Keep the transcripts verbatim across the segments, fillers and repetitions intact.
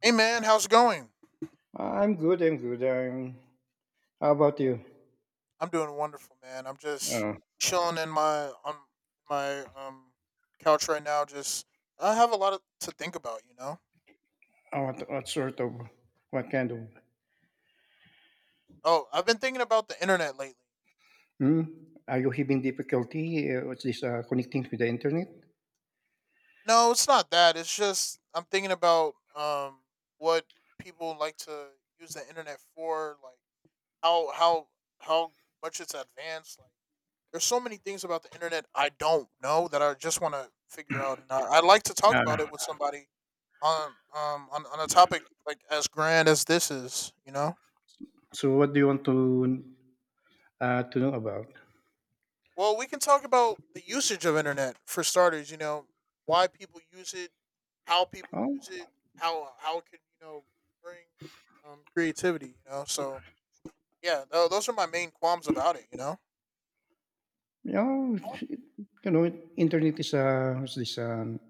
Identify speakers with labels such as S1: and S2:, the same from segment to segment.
S1: Hey man, how's it going?
S2: I'm good. I'm good. I'm. How about you?
S1: I'm doing wonderful, man. I'm just
S2: Uh,
S1: chilling in my on my um couch right now. Just I have a lot of, to think about, you know.
S2: uh, what what sort of what kind of?
S1: Oh, I've been thinking about the internet lately.
S2: Hmm? Are you having difficulty? Uh, what's this? Uh, connecting with the internet?
S1: No, it's not that. It's just I'm thinking about um what people like to use the internet for, like how how how much it's advanced, like there's so many things about the internet I don't know that I just want to figure out, and I, I'd like to talk
S2: Uh,
S1: about it with somebody on um on, on a topic like, as grand as this is. You know,
S2: so what do you want to uh, to know about?
S1: well, we can talk about the usage of internet for starters. You know, why people use it, how people
S2: Oh,
S1: use it, how how it can you know bring um, creativity. You know, so yeah, tho- those are my main qualms about it. You know,
S2: yeah. it- You know, internet is uh, what's this? Um,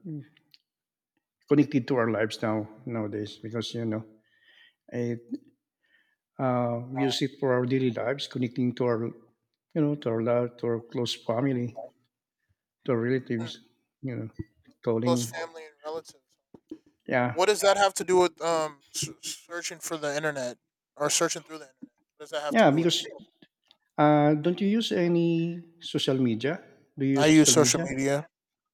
S2: Connected to our lives now nowadays because you know it. Uh, we use it for our daily lives, connecting to our you know to our love, to our close family, to
S1: Mm,
S2: relatives, you know,
S1: close
S2: calling.
S1: family and relatives.
S2: Yeah.
S1: What does that have to do with um s- searching for the internet, or searching through the internet? What does that have to
S2: Yeah,
S1: do with it?
S2: because uh, don't you use any social media? Do you
S1: I
S2: use
S1: use
S2: social
S1: social
S2: media?
S1: media.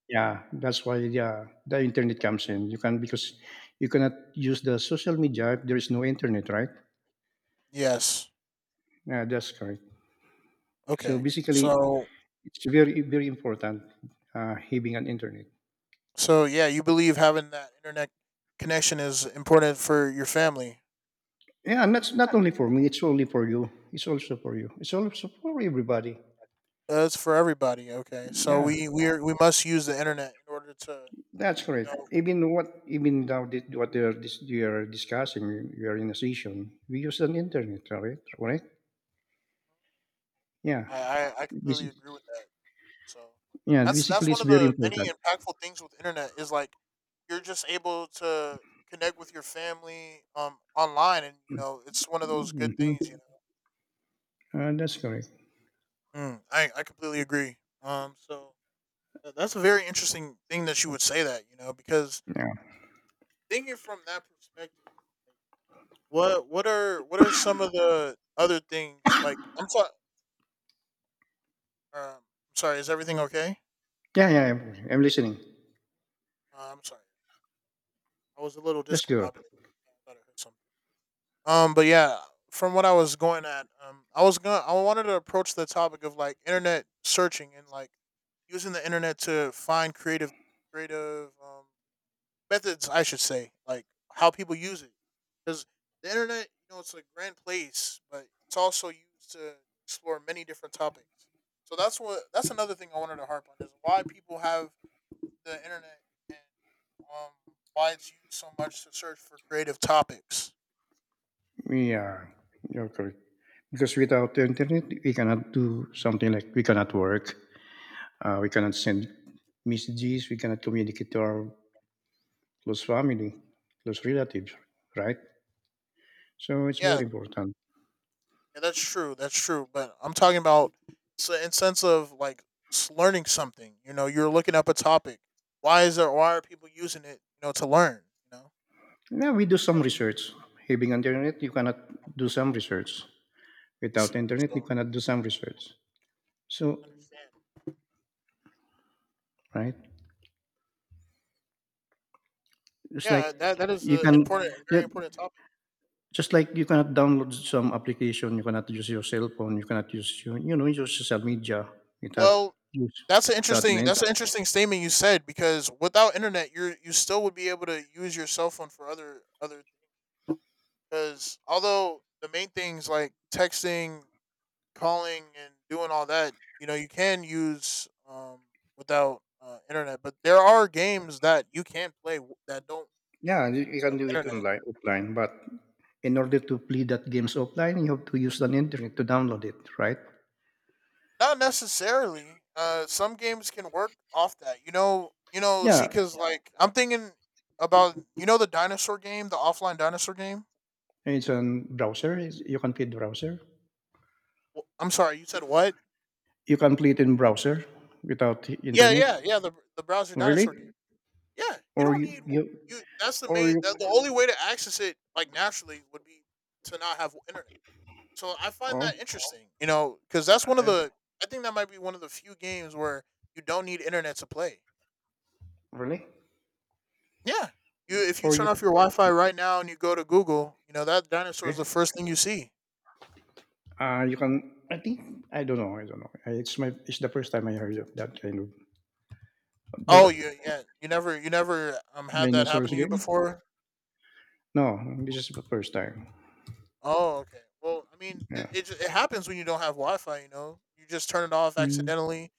S2: Yeah, that's why, yeah, the internet comes in. You can Because you cannot use the social media if there is no internet, right?
S1: Yes.
S2: Yeah, that's correct. So
S1: Okay.
S2: basically,
S1: So
S2: it's very, very important, uh, having an internet.
S1: so yeah, you believe having that internet connection is important for your family.
S2: Yeah, and that's not only for me. It's only for you. It's also for you. It's also for everybody.
S1: Uh, It's for everybody. Okay. So
S2: Yeah.
S1: we we are, we must use the internet in order to.
S2: That's correct.
S1: You know,
S2: Even what even now thi- what they are dis- you are discussing, we are in a session. We use an internet, right? Right? Yeah.
S1: I, I I
S2: Bas-
S1: completely agree with that. So
S2: Yeah.
S1: that's that's
S2: Basically, it's
S1: one of
S2: very
S1: the many
S2: important.
S1: impactful things with internet, is like you're just able to connect with your family um online, and you know it's one of those good things you
S2: Hmm.
S1: know
S2: Uh, that's correct.
S1: mm, I, I, completely agree. Um so tha- that's a very interesting thing that you would say, that you know because
S2: Yeah.
S1: thinking from that perspective, like, what what are what are some of the other things, like, I'm sorry. Um, i'm sorry is everything okay?
S2: Yeah. Yeah. I'm, I'm listening.
S1: uh, I'm sorry, I was a little
S2: That's
S1: discombobulated.
S2: good.
S1: I thought I heard something. Um, but yeah, from what I was going at, um, I was gonna, I wanted to approach the topic of, like, internet searching and, like, using the internet to find creative, creative um, methods, I should say. Like, how people use it, because the internet, you know, it's a grand place, but it's also used to explore many different topics. So that's what that's another thing I wanted to harp on, is why people have the internet, and um, why it's used so much to search for creative topics.
S2: Yeah. You're correct. Because without the internet, we cannot do something, like we cannot work. Uh, we cannot send messages. We cannot communicate to our close family, close relatives, right? So it's very
S1: Yeah.
S2: important.
S1: Yeah, that's true. That's true. But I'm talking about, so, in sense of like, s- learning something. You know, you're looking up a topic. Why is there? Why are people using it? You know, to learn. You know, I
S2: Yeah, we do some research. Having internet, you cannot do some research. Without
S1: see.
S2: internet, you
S1: So
S2: cannot do some research. So,
S1: understand.
S2: right? It's like
S1: Yeah, that that is
S2: you
S1: an
S2: can,
S1: important,
S2: yeah,
S1: very important topic.
S2: just like you cannot download some application, you cannot use your cell phone, you cannot use your, you know, your social media without
S1: Well,
S2: use
S1: that's an
S2: without the
S1: interesting. That's
S2: internet.
S1: an interesting statement you said, because without internet, you you still would be able to use your cell phone for other other things. Because, although the main things like texting, calling, and doing all that, you know, you can use, um, without uh, internet. But there are games that you can play, w- that don't need
S2: Yeah, you, you can
S1: uh,
S2: do it
S1: internet.
S2: online, offline, but in order to play that games offline, you have to use the internet to download it, right?
S1: Not necessarily. Uh, some games can work off that. You know, you know. See,
S2: Yeah,
S1: because, like, I'm thinking about you know the dinosaur game, the offline dinosaur game.
S2: it's a browser. It's, you can play the browser.
S1: Wh- I'm sorry, you said what?
S2: You can play it in browser without the
S1: Yeah,
S2: internet.
S1: yeah, yeah. The the browser
S2: Really?
S1: dinosaur game. Yeah, you
S2: Or
S1: don't
S2: you,
S1: need
S2: you
S1: you. That's the
S2: or
S1: main.
S2: you
S1: That, The only way to access it, like, naturally, would be to not have internet. So I find
S2: oh
S1: that interesting, you know, because that's one of
S2: uh,
S1: the. I think that might be one of the few games where you don't need internet to play.
S2: really?
S1: Yeah, you if you
S2: Or
S1: turn
S2: you
S1: off your Wi-Fi right now and you go to Google, you know that dinosaur is
S2: Okay.
S1: the first thing you see.
S2: Uh you can, I think. I don't know i don't know Uh, it's my it's the first time I heard of that kind of... The
S1: Oh,
S2: what?
S1: you yeah, you never you never um had that happen
S2: Dinosaurs
S1: to you
S2: game?
S1: before.
S2: No, this is the first time.
S1: Oh, okay. Well, I mean,
S2: Yeah.
S1: it it, ju- it happens when you don't have Wi-Fi. You know, you just turn it off
S2: Mm.
S1: accidentally,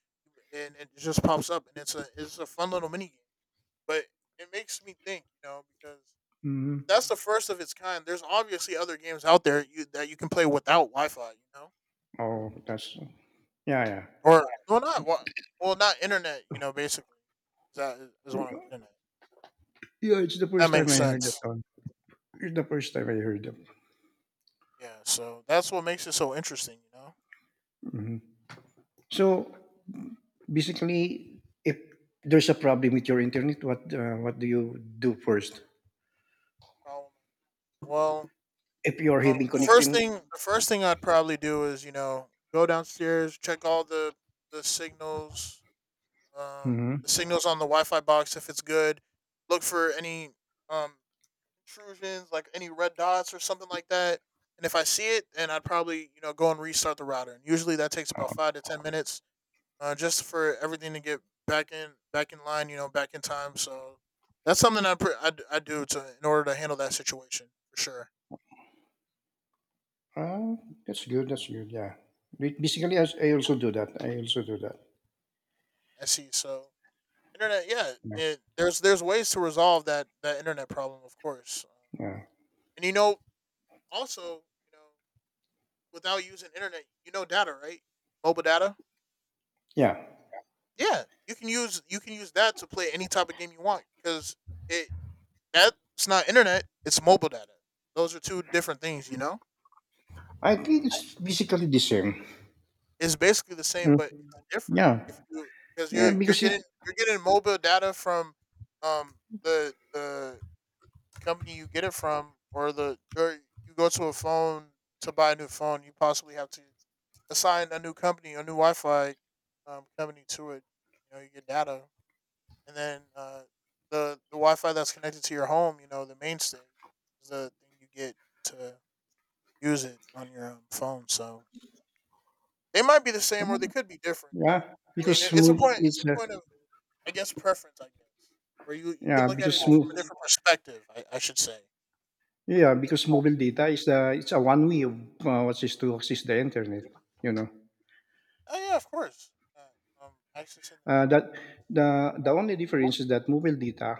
S1: and it just pops up, and it's a it's a fun little mini game. But it makes me think, you know, because
S2: Mm.
S1: that's the first of its kind. There's obviously other games out there, you, that you can play without Wi-Fi, you know,
S2: Oh, that's... Yeah, yeah.
S1: or, well, not wi- well, not internet, you know. Basically, is that is what I'm getting at.
S2: Yeah, it's the
S1: If that
S2: first time
S1: makes
S2: I heard that
S1: sense.
S2: one. It's the first time I heard them.
S1: Yeah. So that's what makes it so interesting, you know.
S2: Mhm. So, basically, if there's a problem with your internet, what uh, what do you do first?
S1: Um, Well,
S2: If you are
S1: um,
S2: having
S1: the first
S2: connecting...
S1: thing the first thing I'd probably do is, you know go downstairs, check all the the signals, um,
S2: Hmm.
S1: the signals on the Wi-Fi box, if it's good. Look for any um intrusions, like any red dots or something like that. And if I see it, then I'd probably, you know go and restart the router. And usually that takes about five to ten minutes, uh, just for everything to get back in back in line, you know, back in time. So that's something I pr- I, d- I do to, in order to handle that situation, for sure.
S2: Uh, that's good. That's good. Yeah. Ba- Basically, I, I also do that. I also do that.
S1: I see. So internet, yeah,
S2: Yeah.
S1: it, there's there's ways to resolve that that internet problem, of course.
S2: Yeah.
S1: And you know, also, you know, without using internet, you know, data, right? Mobile data.
S2: Yeah.
S1: Yeah, you can use you can use that to play any type of game you want, because it that's not internet, it's mobile data. Those are two different things, you know.
S2: I think it's basically the same.
S1: It's basically the same,
S2: Mm.
S1: but it's different.
S2: Yeah.
S1: If you Because
S2: Yeah.
S1: you you're
S2: Because it.
S1: getting you're getting mobile data from um the the company you get it from, or the or you go to a phone to buy a new phone. You possibly have to assign a new company, a new Wi-Fi um, company to it. You know, you get data, and then uh, the the Wi-Fi that's connected to your home, you know, the mainstay, is the thing you get to use it on your um, phone. So they might be the same, or they could be different. But,
S2: Yeah.
S1: I mean,
S2: Because
S1: it, it's a
S2: move
S1: point. It's
S2: is.
S1: a
S2: Uh,
S1: point of, I guess, preference, I guess, where you you can
S2: yeah.
S1: look at it
S2: Because
S1: from a
S2: move.
S1: different perspective, I, I should say.
S2: Yeah. Because mobile data is the... It's a one way of, uh, what's is to access the internet. You know.
S1: Oh yeah, of course. Uh, um, access in
S2: Uh, that the the only difference is that mobile data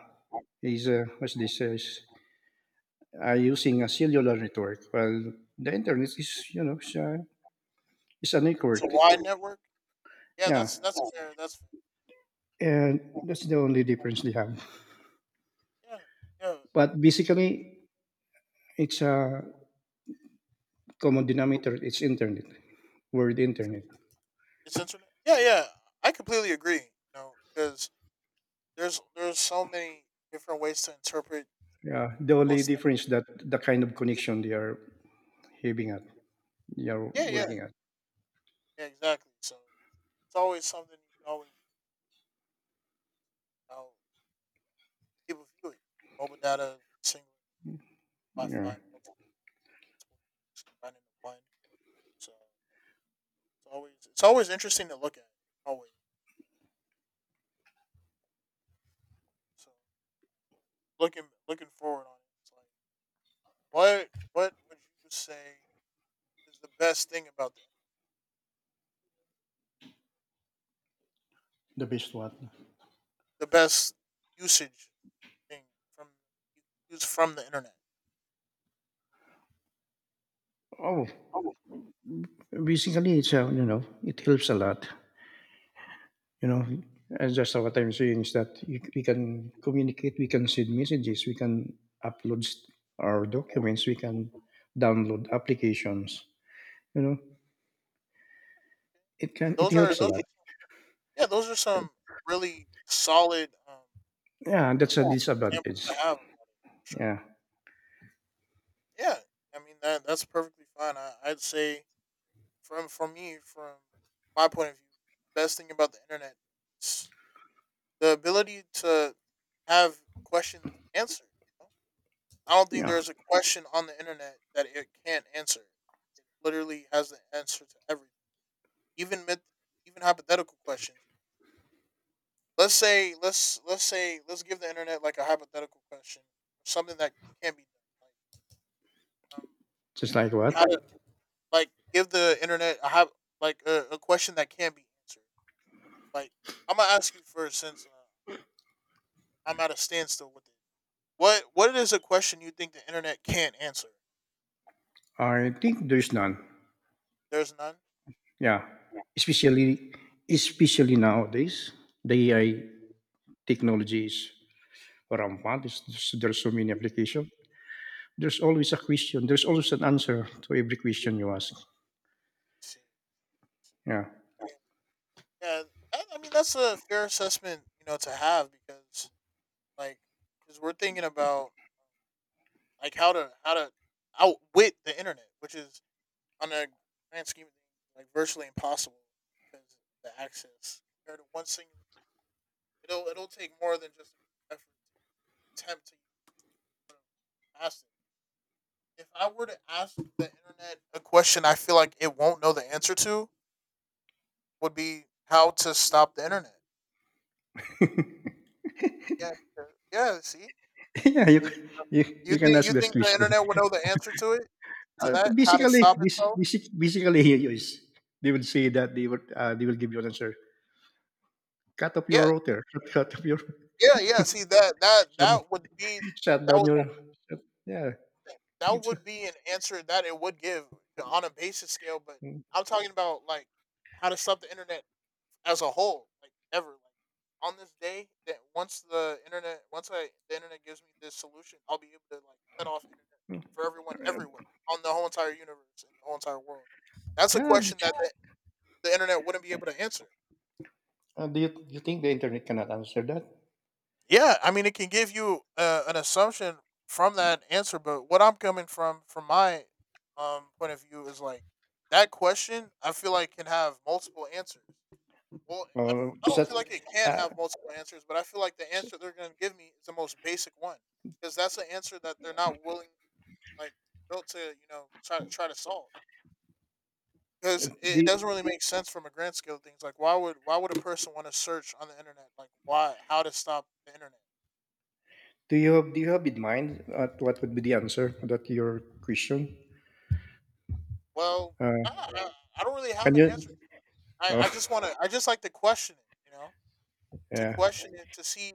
S2: is uh, what's this uh, is are using a cellular network, while the internet is, you know is a, is a
S1: It's a
S2: network.
S1: wide network. Yeah,
S2: Yeah,
S1: that's that's fair. That's
S2: and that's the only difference they have.
S1: fair. Yeah.
S2: But basically, it's a common denominator. It's internet, world internet.
S1: Yeah. It's internet. Yeah, yeah. I completely agree. You know, because there's there's so many different ways to interpret
S2: Yeah, the only
S1: what's there.
S2: difference that the kind of connection they are having at, they are
S1: Yeah, yeah,
S2: working at.
S1: yeah. Exactly. So it's always something you can always, how people view it. Mobile data, single
S2: Yeah,
S1: Wi-Fi, multiple, just combined into one. So it's always it's always interesting to look at. Always. So, looking looking forward on it, it's like, what what would you say is the best thing about, the
S2: the best one.
S1: the best usage thing from, you can use from the internet.
S2: Oh, basically, it's a, you know, it helps a lot. you know, and just what I'm saying is that you, we can communicate, we can send messages, we can upload st- our documents, we can download applications. You know, it
S1: And
S2: can it
S1: those are
S2: helps a
S1: those
S2: lot.
S1: are, yeah, those are some really solid um,
S2: Yeah, that's a
S1: uh, examples
S2: disadvantage.
S1: to have, sure.
S2: Yeah,
S1: Yeah, I mean, that that's perfectly fine. I, I'd say, from for me, from my point of view, best thing about the internet is the ability to have questions answered, you know? I don't think
S2: yeah,
S1: there's a question on the internet that it can't answer. It literally has the answer to everything, even myth, even hypothetical questions. let's say let's let's say let's give the internet, like, a hypothetical question, something that can be done, like, um
S2: just like what.
S1: how to, like, give the internet a hy- like a, a question that can be answered, like, I'm gonna ask you first, since uh, I'm at a standstill with it, what what is a question you think the internet can't answer?
S2: I think there's none.
S1: There's none.
S2: Yeah, especially especially nowadays, the A I technology is rampant. It's- There's, there's so many applications. There's always a question. There's always an answer to every question you ask.
S1: See.
S2: Yeah.
S1: Yeah, i I mean, that's a fair assessment, you know to have, because, like, because we're thinking about, like, how to how to outwit the internet, which is, on a grand scheme of things, like, virtually impossible, because of the access compared to one single. It'll it'll take more than just an effort to attempt to ask it. If I were to ask the internet a question I feel like it won't know the answer to, would be, how to stop the internet. Yeah, because- yeah. See,
S2: Yeah, you
S1: It-
S2: can you
S1: you
S2: you can
S1: think,
S2: ask
S1: you
S2: this
S1: think the
S2: question.
S1: internet would know the answer to it to
S2: Uh,
S1: that, how to
S2: basically,
S1: stop
S2: bas-
S1: itself?
S2: basic basically here you is, they will say that they will uh, they will give you an answer. Cut off your
S1: Yeah,
S2: router. Cut off your
S1: yeah, yeah. See, that that
S2: shut,
S1: that would be
S2: shut
S1: that
S2: down
S1: would
S2: your, shut, yeah.
S1: thing. That
S2: It's a-
S1: would be an answer that it would give, you know, on a basic scale, but I'm talking about, like, how to stop the internet as a whole, like, ever. Like, on this day that once the internet, once I the internet gives me this solution, I'll be able to, like, cut off internet for everyone, everywhere, on the whole entire universe and the whole entire world. That's a
S2: yeah. this-
S1: question that the, the internet wouldn't be able to answer.
S2: Uh, do you do you think the internet cannot answer that?
S1: Yeah, I mean, it can give you uh, an assumption from that answer, but what I'm coming from, from my um point of view, is like that question. I feel like can have multiple answers. Well, I don't,
S2: Or
S1: I don't
S2: such
S1: feel like it can
S2: uh,
S1: have multiple answers, but I feel like the
S2: s-
S1: answer they're going to give me is the most basic one because that's the answer that they're not willing, like, built to you know try to try to solve.
S2: uh,
S1: Because it it
S2: do,
S1: doesn't really make sense from a grand scale of things. Like, why would why would a person want to search on the internet? Like, why how to stop the internet?
S2: do you have Do you have in mind, uh, what would be the answer to that your question?
S1: Well,
S2: Uh,
S1: I I I don't really
S2: can
S1: have an
S2: you?
S1: answer to that. I I
S2: Oh,
S1: just wanna I just like to question it, you know? To
S2: yeah.
S1: question it to see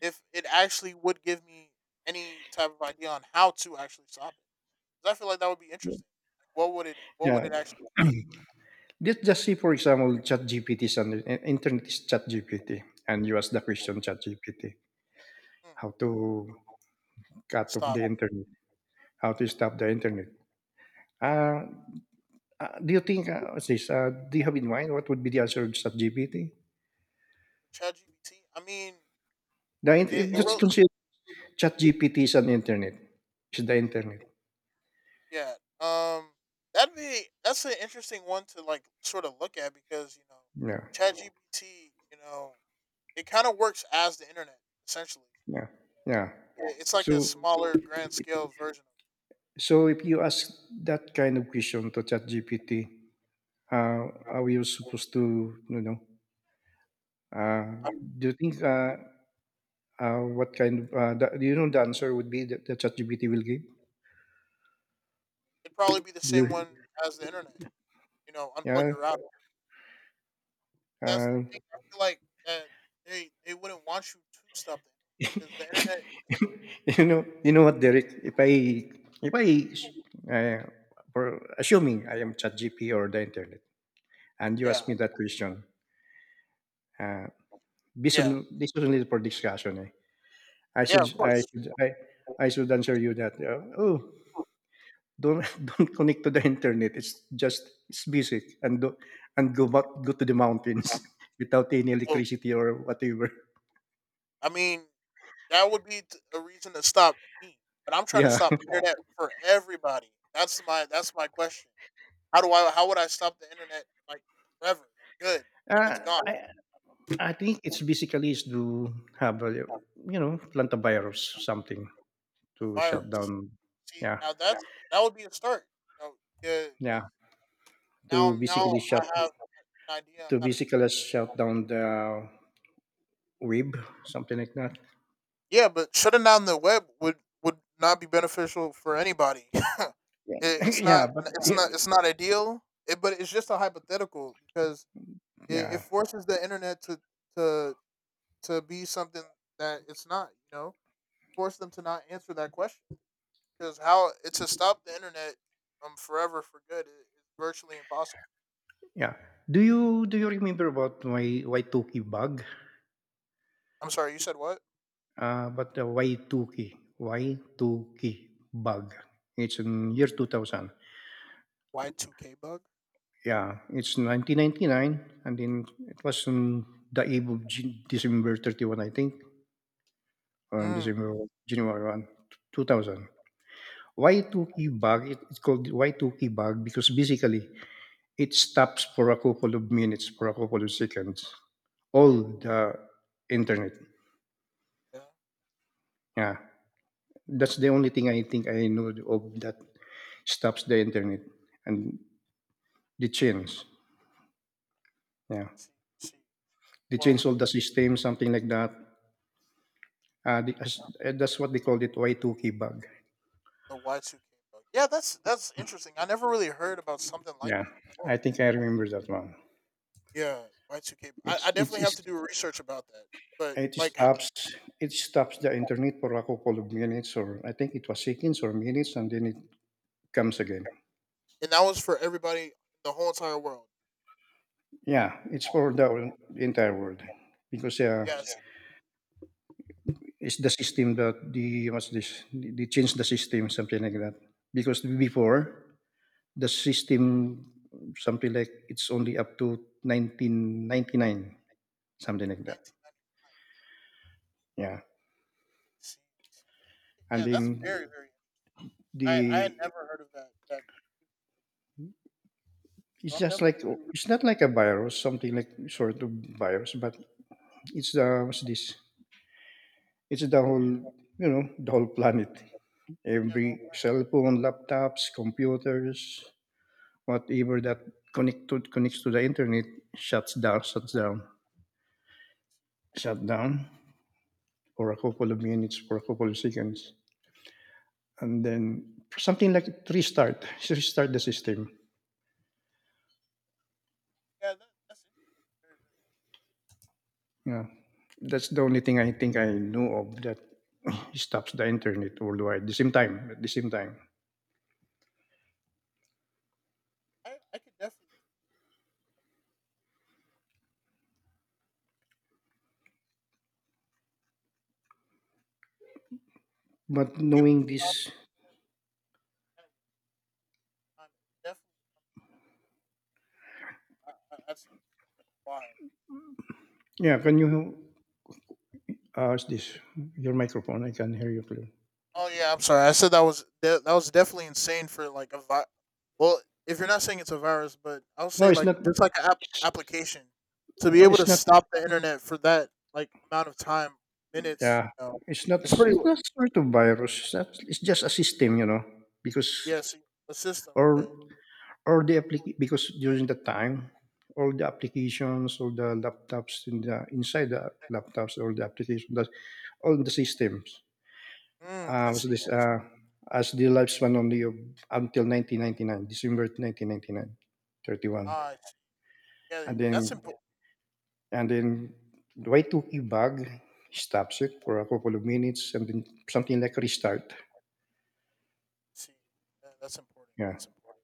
S1: if it actually would give me any type of idea on how to actually stop it. 'Cause I feel like that would be interesting. Like, what would it what would
S2: Yeah.
S1: it actually
S2: Just just see, for example, ChatGPT, and an- internet is ChatGPT, and you ask the question ChatGPT,
S1: hmm,
S2: how to cut off
S1: stop?
S2: the internet, how to stop the internet.
S1: Yeah.
S2: Uh, uh, do you think, uh, what's this, uh, do you have in mind what would be the answer of ChatGPT?
S1: ChatGPT? I mean,
S2: The, in-
S1: it, it
S2: just
S1: really
S2: consider ChatGPT is an internet. It's the internet.
S1: yeah. Um that'd be that's an interesting one to like sort of look at because, you know,
S2: Yeah,
S1: ChatGPT, you know, it kind of works as the internet essentially.
S2: yeah, yeah.
S1: Yeah, it's like a
S2: So,
S1: smaller grand scale version.
S2: so if you ask that kind of question to ChatGPT, uh, are you supposed to, you know, Uh,
S1: I mean,
S2: do you think, uh, uh, what kind of, uh, the, do you know the answer would be that the ChatGPT will give?
S1: it'd probably be the same
S2: Do
S1: one as the internet. You know, unplug
S2: Yeah.
S1: your router. That's the
S2: Uh,
S1: thing. I feel like that they they wouldn't want you to stop the because the internet is too.
S2: you know, you know what, Derek? If I if I uh, for assuming I am ChatGPT or the internet, and you
S1: Yeah,
S2: ask me that question, uh, this
S1: yeah,
S2: on this is only for discussion. Eh? I
S1: yeah.
S2: should
S1: Of
S2: I
S1: course.
S2: should I, I should answer you that. Uh, oh, don't don't connect to the internet. It's just it's basic, and do, and go back, go to the mountains without any
S1: So,
S2: electricity or whatever.
S1: I mean, that would be t- a reason to stop me, but I'm trying to
S2: Yeah,
S1: stop internet for everybody. That's my that's my question. How do I? How would I stop the internet like forever? Good, like
S2: uh,
S1: it's gone.
S2: I I think it's basically is to have a, you know plant a virus, something
S1: A
S2: to shut
S1: virus.
S2: down.
S1: See,
S2: Yeah,
S1: now yeah, that's that would be a start. You know, yeah,
S2: yeah,
S1: because now
S2: to
S1: I'm now
S2: basically shut
S1: I have an idea on
S2: to
S1: how to do
S2: basically
S1: that.
S2: shut down the web, something like that.
S1: Yeah, but shutting down the web would would not be beneficial for anybody. It,
S2: Yeah,
S1: it's not
S2: yeah, but,
S1: it's
S2: yeah,
S1: not it's not ideal. It, but it's just a hypothetical because it, it
S2: yeah.
S1: forces the internet to to to be something that it's not. You know, force them to not answer that question because how it, to stop the internet um forever for good is virtually impossible.
S2: Yeah. Do you do you remember about my Y two K bug?
S1: I'm sorry, you said what?
S2: Uh, but the Waituki, Waituki bug. It's in year two thousand.
S1: Y two K bug?
S2: Yeah, it's nineteen ninety nine, and then it was on the eve of G- December thirty-first, I think, or
S1: Mm.
S2: December January first, two thousand. Thousand.
S1: uh,
S2: Waituki bug, it, it's called why two Waituki bug because basically it stops for a couple of minutes, for a couple of seconds, all the internet.
S1: Yeah.
S2: Yeah, that's
S1: Okay.
S2: the only thing I think I know of that stops the internet, and they change. Yeah.
S1: She. She.
S2: They change
S1: Well,
S2: all the system, something like that. Uh, the, as- uh, that's what they called it, Y two K bug.
S1: the Y two K bug. Yeah, that's that's interesting. I never really heard about something like
S2: Yeah,
S1: that before.
S2: I think I remember that one.
S1: Yeah, Y two K. I,
S2: It's
S1: I
S2: it's,
S1: definitely have
S2: it's
S1: to do research about that. But
S2: it
S1: like, h-
S2: stops it stops the internet for a couple of minutes, or I think it was seconds or minutes, and then it comes again.
S1: and that was for everybody, the whole entire world.
S2: Yeah, it's for the entire world because, uh,
S1: Yeah.
S2: it's the system, that the what's this? They change the system, something like that. Because before, the system, something like it's only up to nineteen ninety nine, something like that.
S1: Nineteen ninety nine.
S2: Yeah,
S1: See, nineteen ninety nine. See- see.
S2: and
S1: Yeah, that's
S2: then
S1: very very. I I had
S2: the
S1: never heard of that. That
S2: it's
S1: so I'm
S2: just
S1: definitely
S2: like,
S1: gonna do.
S2: it's not like a virus, something like sort of virus, but it's the, what's this, it's the whole, you know the whole planet,
S1: Yeah,
S2: every
S1: the whole. Black-
S2: cell phone, laptops, computers, whatever that connect to, connects to the internet, shuts down shuts down shut down for a couple of minutes, for a couple of seconds, and then something like restart, restart the system.
S1: Yeah, that, that's interesting. Very very.
S2: Yeah, that's the only thing I think I know of that stops the internet worldwide. At the same time, at the same time.
S1: I I could definitely
S2: But
S1: be able to
S2: knowing
S1: stop
S2: this...
S1: that at one time. Definitely. I, I, i wild.
S2: Yeah, can you, uh, ask this? Your microphone, I can hear you clearly.
S1: Oh yeah, I'm sorry. I said that was de- that was definitely insane for like a vi- well, if you're not saying it's a virus, but I'll
S2: No,
S1: say
S2: it's
S1: like
S2: not.
S1: just like an app- application to be able to
S2: It's not.
S1: stop the internet for that like amount of time, minutes.
S2: Yeah,
S1: You know,
S2: it's not.
S1: it's pretty.
S2: It's
S1: wi-
S2: not sort of virus. It's not, it's just a system, you know. Because,
S1: Yeah, see, a system.
S2: or
S1: Okay.
S2: Or the applica because during that time, all the applications, all the laptops, in the inside the laptops, all the applications, that all the systems,
S1: Mm,
S2: uh,
S1: I
S2: was
S1: see.
S2: this
S1: I see.
S2: uh, as the lifespan only of until nineteen ninety nine, December nineteen ninety nine, thirty one,
S1: Ah, I see. Yeah,
S2: and
S1: that's
S2: then,
S1: important.
S2: and then the Y two K bug stops it for a couple of minutes, and then something like restart.
S1: See, yeah, that's important.
S2: Yeah,
S1: That's important.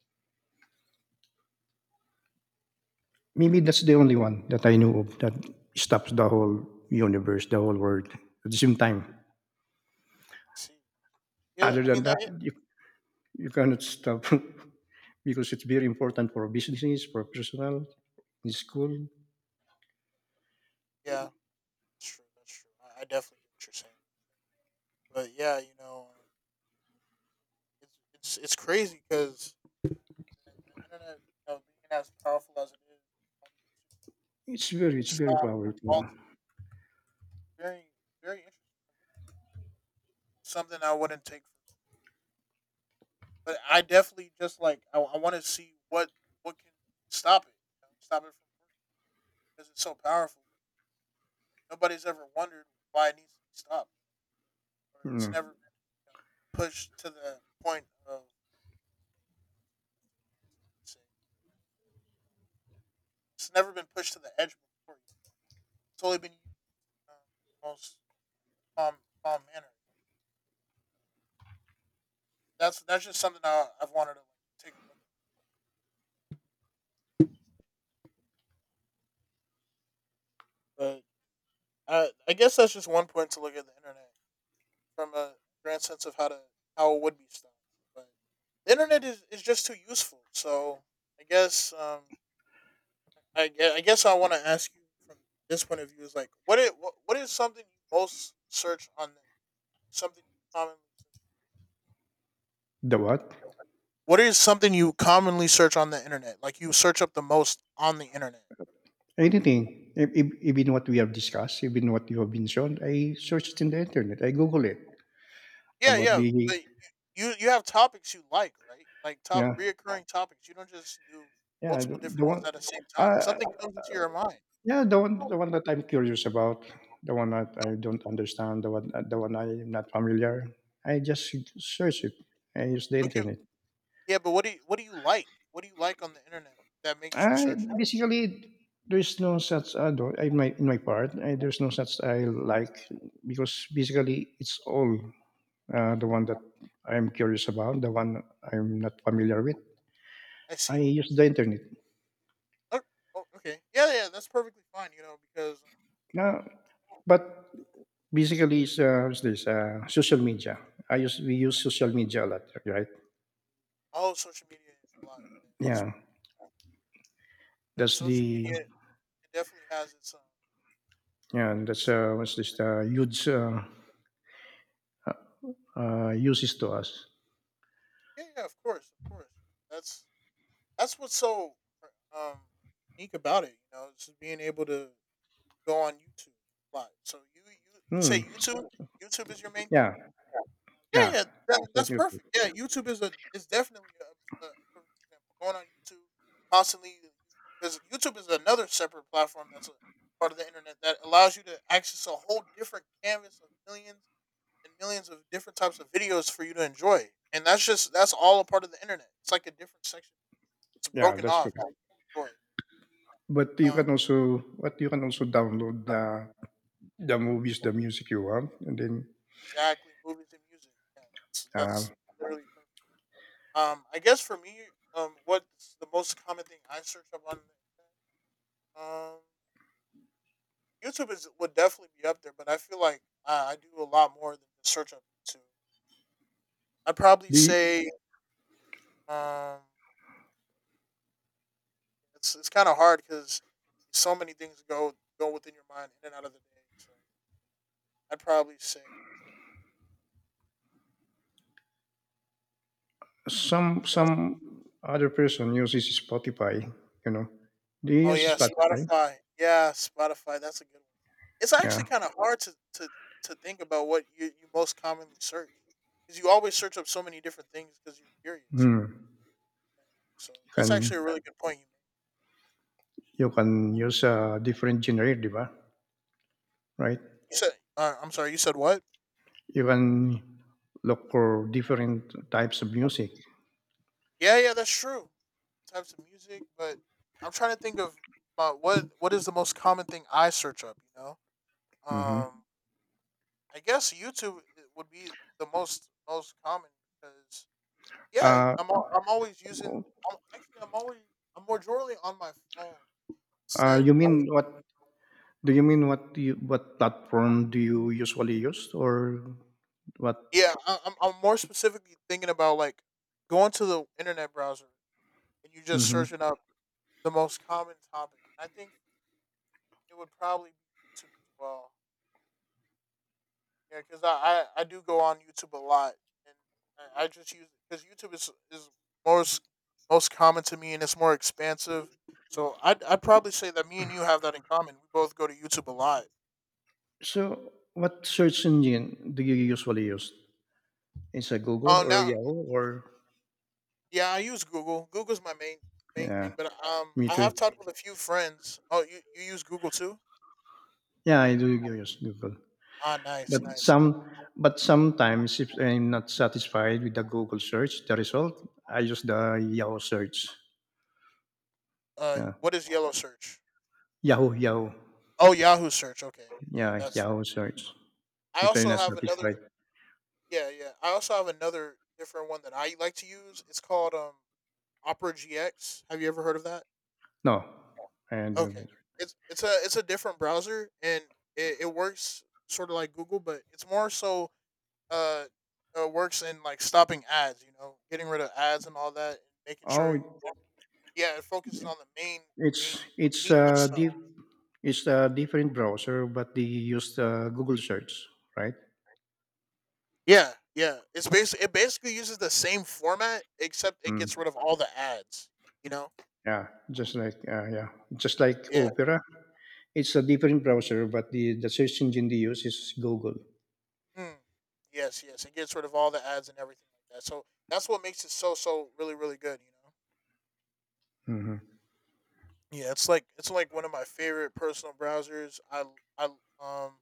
S2: maybe that's the only one that I knew of that stops the whole universe, the whole world at the same time.
S1: See, yeah,
S2: Other
S1: I
S2: than
S1: mean
S2: that,
S1: that.
S2: you, you cannot stop because it's very important for businesses, for personal, in school.
S1: Yeah, that's true. That's true. I, I definitely get what you're saying. But yeah, you know. It's it's it's crazy because the, the internet, you know, being as powerful as it is, I think
S2: It's very,
S1: it
S2: it's
S1: should be
S2: very powerful.
S1: all. Very very interesting. Something I wouldn't take for, but I definitely just like I, I want to see what what can stop it, you know, stop it from working because it's so powerful. Nobody's ever wondered why it needs to be stopped, or it's
S2: Mm.
S1: never been you know, pushed to the point of say it's never been pushed to the edge before. It's only been used um, most calm, calm manner. that's that's just something I, I've wanted to like, take a look at. But I, I guess that's just one point to look at the internet from a grand sense of how to how it would be stopped. But the internet is, is just too useful. So I guess um I, gue- I guess I want to ask you from this point of view is like what it what, what is something you most search on the something you commonly
S2: The what?
S1: what is something you commonly search on the internet like you search up the most on the internet.
S2: Anything. E- e- Even what we have discussed, even what you have been shown, I searched it in the internet. I Google it
S1: Yeah,
S2: about
S1: yeah,
S2: the
S1: but you you have topics you like, right? Like top
S2: yeah,
S1: reoccurring topics. You don't just do
S2: yeah, the,
S1: multiple
S2: the
S1: different ones
S2: one.
S1: at the same time.
S2: uh,
S1: Something comes into your mind.
S2: yeah, the one, the one that I'm curious about, the one that I don't understand, the one, the one I'm not familiar. I just search it. I use the
S1: Look at
S2: internet.
S1: yeah, but what do you what do you like? What do you like on the internet that makes you
S2: I
S1: search it?
S2: basically, there's no such, uh, do- I don't, in my, in my part, I, there's no such I like, because basically it's all, uh, the one that I'm curious about, the one I'm not familiar with,
S1: I
S2: I
S1: see.
S2: use the internet.
S1: Oh, oh, okay. Yeah, yeah, that's perfectly fine. You know because um,
S2: Now, but basically it's, uh, what's this uh, social media, I use we use social media a lot, right?
S1: oh, social media a lot. Yeah, that's
S2: Yeah,
S1: right. Because
S2: that's
S1: social
S2: the,
S1: media it definitely has its um. Its-
S2: yeah, that's, uh, what's this uh, huge, uh, uh, uses to us.
S1: yeah, yeah, of course, of course. That's that's what's so um unique about it. You know, it's just being able to go on YouTube live. So you you, you
S2: Hmm.
S1: say YouTube YouTube is your main thing.
S2: Yeah,
S1: Yeah,
S2: yeah,
S1: yeah, that,
S2: it's like
S1: that's
S2: new.
S1: perfect. Yeah, YouTube is a is definitely a, a a perfect example. Going on YouTube constantly because YouTube is another separate platform that's a part of the internet that allows you to access a whole different canvas of millions and millions of different types of videos for you to enjoy. And that's just that's all a part of the internet. It's like a different section. It's
S2: Yeah,
S1: broken
S2: that's right.
S1: off. Enjoy.
S2: But you can
S1: Um,
S2: also, what you can also download the the movies, the music you want, and then,
S1: Exactly, movies and music. Yeah, that's,
S2: uh,
S1: that's really perfect. Um, I guess for me, um, what's the most common thing I search up on the internet? Um, YouTube is would definitely be up there, but I feel like I, I do a lot more than just search up YouTube. I'd probably
S2: the
S1: say um, it's it's kind of hard because so many things go go within your mind in and out of the day. So I'd probably say.
S2: some some other person uses Spotify. You know, do you
S1: Oh
S2: use
S1: yeah,
S2: Spotify?
S1: Spotify. Yeah, Spotify. That's a good one. It's actually
S2: Yeah.
S1: kind of hard to, to to think about what you, you most commonly search because you always search up so many different things because you're curious, you know.
S2: Hmm.
S1: So
S2: You
S1: that's actually a
S2: can
S1: really good point you made.
S2: you can use a different genre, di ba? Right?
S1: You said, uh, I'm sorry, you said what?
S2: You can look for different types of music.
S1: Yeah, yeah, that's true. Types of music, but I'm trying to think of uh, what what is the most common thing I search up. You know, um,
S2: Mm-hmm.
S1: I guess YouTube i- would be the most most common because yeah,
S2: Uh,
S1: I'm al- I'm always using. I'm, actually, I'm always I'm majorly on my phone.
S2: uh,
S1: Said
S2: you mean what? Do you mean, what do you what platform do you usually use, or what?
S1: yeah, I, I'm I'm more specifically thinking about like going to the internet browser and you just
S2: Hmm.
S1: searching up the most common topic. I think it would probably be YouTube as well. Yeah, because I, I I do go on YouTube a lot and I, I just use because YouTube is is most most common to me and it's more expansive. So I I'd, I'd probably say that me and you have that in common. We both go to YouTube a lot.
S2: So, what search engine do you usually use? Is it Google
S1: Oh,
S2: or
S1: now
S2: Yahoo or?
S1: yeah, I use Google. Google's my main main thing,
S2: Yeah,
S1: but um,
S2: me
S1: I
S2: too.
S1: have talked with a few friends. Oh, you you use Google too?
S2: Yeah, I do use Google.
S1: Ah, nice,
S2: But
S1: nice.
S2: some, but sometimes, if I'm not satisfied with the Google search, the result, I use the Yahoo search.
S1: Uh,
S2: Yeah,
S1: what is Yellow Search?
S2: Yahoo, Yahoo.
S1: Oh, Yahoo Search. Okay, yeah,
S2: Yeah,
S1: that's. Fair.
S2: Yahoo search.
S1: I
S2: If I'm
S1: also
S2: not
S1: have
S2: satisfied,
S1: another. Yeah, yeah. I also have another different one that I like to use. It's called um Opera G X. Have you ever heard of that?
S2: no, and
S1: Okay, it's it's a it's a different browser and it, it works sort of like Google, but it's more so uh, uh works in like stopping ads, you know, getting rid of ads and all that, and making sure
S2: oh...
S1: yeah, it focuses on the main main
S2: It's it's
S1: meat of
S2: a
S1: stuff.
S2: diff it's a different browser, but they use the Google search, right?
S1: Yeah, yeah. It's basically it basically uses the same format except it gets
S2: Mm,
S1: rid of all the ads. You know?
S2: yeah, just like uh, yeah, just like
S1: Yeah.
S2: Opera. It's a different browser, but the, the search engine they use is Google.
S1: Mm. Yes, yes. It gets rid of all the ads and everything like that. So that's what makes it so so really really good. You
S2: Hmm.
S1: know? Yeah. It's like it's like one of my favorite personal browsers. I I um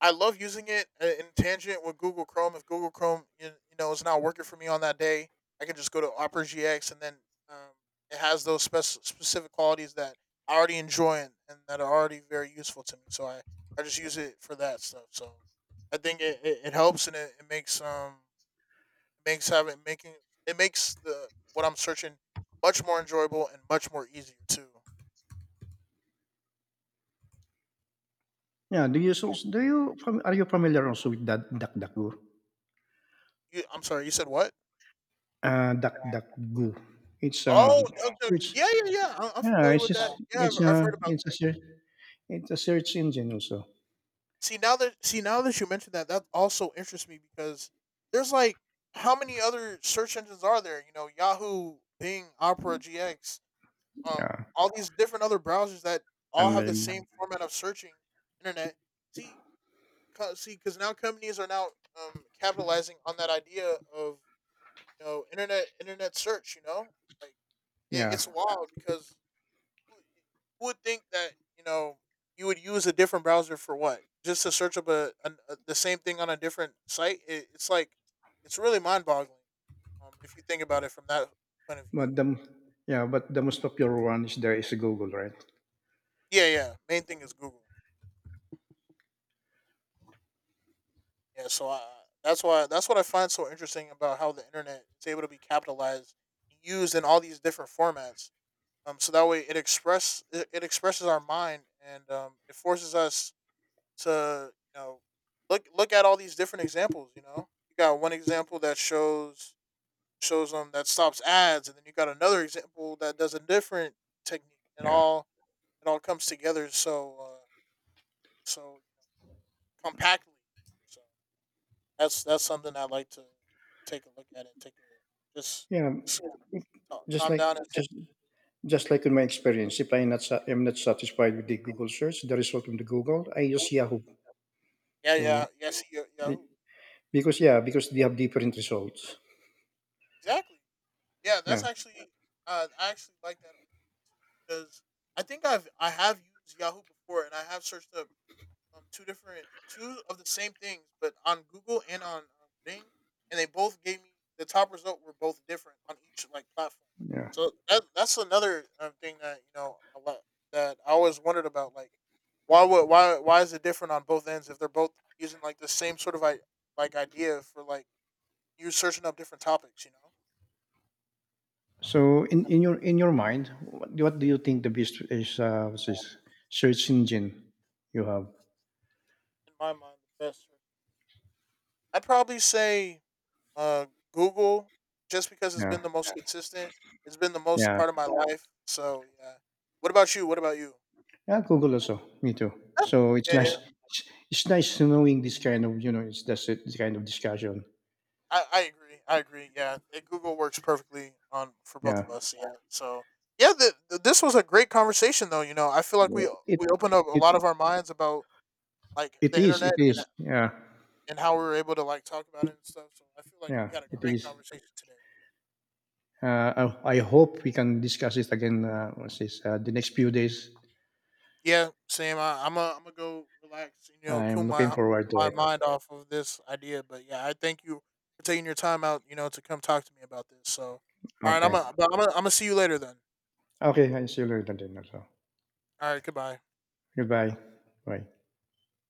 S1: I love using it uh, in tangent with Google Chrome. If Google Chrome, you, you know, is not working for me on that day, I can just go to Opera G X, and then um, it has those spec- specific qualities that I already enjoy and, and that are already very useful to me. So I, I just use it for that stuff. So I think it, it, it helps and it, it makes um it makes having making it makes the what I'm searching much more enjoyable and much more easier too.
S2: Yeah, do you so do you fam- are you familiar also with that DuckDuckGo?
S1: You, I'm sorry, you said what?
S2: Uh, DuckDuckGo. It's a
S1: Oh, of the-
S2: search.
S1: yeah, yeah, yeah. I- I'm
S2: Yeah,
S1: familiar
S2: it's
S1: with that.
S2: just
S1: Yeah, I've,
S2: it's
S1: I've
S2: a
S1: heard about.
S2: it's a search it's a search engine also.
S1: See now that see now that you mentioned that, that also interests me because there's like how many other search engines are there? You know, Yahoo, Bing, Opera, G X, um,
S2: Yeah,
S1: all these different other browsers that all
S2: and
S1: have the same
S2: then,
S1: format of searching internet. See, 'cause- See, because now companies are now um capitalizing on that idea of you know internet internet search. You know, like it,
S2: yeah.
S1: it's wild because would think that you know you would use a different browser for what? Just to search up a, an a the same thing on a different site. It, it's like it's really mind boggling. Um, if you think about it from that point of view.
S2: But the Yeah, but the most popular one is there is Google, right?
S1: Yeah, yeah. Main thing is Google. Yeah, so I, that's why that's what I find so interesting about how the internet is able to be capitalized, used in all these different formats. Um, so that way it express it, it expresses our mind and um, it forces us to you know look look at all these different examples. You know, you got one example that shows shows them that stops ads, and then you got another example that does a different technique, and
S2: Yeah,
S1: all it all comes together so uh, so compactly. So that's that's something I like to take a look at and take a just
S2: yeah.
S1: just
S2: Just
S1: calm down
S2: like
S1: and take.
S2: just just like in my experience, if I not sa- am not satisfied with the Google search, the result from the Google, I use Yahoo.
S1: Yeah, yeah,
S2: So,
S1: yeah. See, yeah, yeah.
S2: be- because, yeah, because they have different results.
S1: Exactly. Yeah,
S2: Yeah,
S1: that's actually uh, I actually like that argument too because I think I've I have used Yahoo before and I have searched up um, two different two of the same things, but on Google and on um, Bing, and they both gave me the top result were both different on each like platform.
S2: yeah.
S1: So that that's another um, thing that you know a lot that I always wondered about like why would why why is it different on both ends if they're both using like the same sort of I like idea for like you searching up different topics, you know?
S2: So, in, in your in your mind, what, what do you think the best is, uh, what's this, search engine you have?
S1: In my mind the best search, I'd probably say uh, Google, just because it's been
S2: Yeah,
S1: the most consistent. It's been the most a
S2: yeah.
S1: part of my life. So yeah. What about you? What about you?
S2: Yeah, Google also. Me too. So it's
S1: Yeah, yeah.
S2: nice. It's, it's nice knowing this kind of, you know it's that's it. This kind of discussion.
S1: I, I agree. I agree. Yeah, it, Google works perfectly on for both
S2: Yeah.
S1: of us. Yeah. So yeah, the, the, this was a great conversation though. You know, I feel like
S2: Yeah.
S1: we
S2: It
S1: we opened up a
S2: it
S1: lot of our minds about like
S2: it
S1: the
S2: is. It
S1: internet
S2: is.
S1: and
S2: Yeah.
S1: and how we were able to like talk about it and stuff. So I feel like we
S2: Yeah.
S1: had a
S2: It
S1: great
S2: is.
S1: conversation today.
S2: Uh, I, I hope we can discuss it again. Uh, what's this? Uh, the next few days.
S1: Yeah, same. I, I'm a, I'm gonna go relax. You know, cool
S2: I'm looking
S1: my
S2: forward to
S1: my
S2: it.
S1: mind off of this idea. But yeah, I thank you for taking your time out. You know, to come talk to me about this. So, all right, I'm
S2: Okay.
S1: gonna, I'm gonna, I'm gonna see you later then.
S2: Okay. I see you later then. Also.
S1: All right, goodbye.
S2: Goodbye. Bye.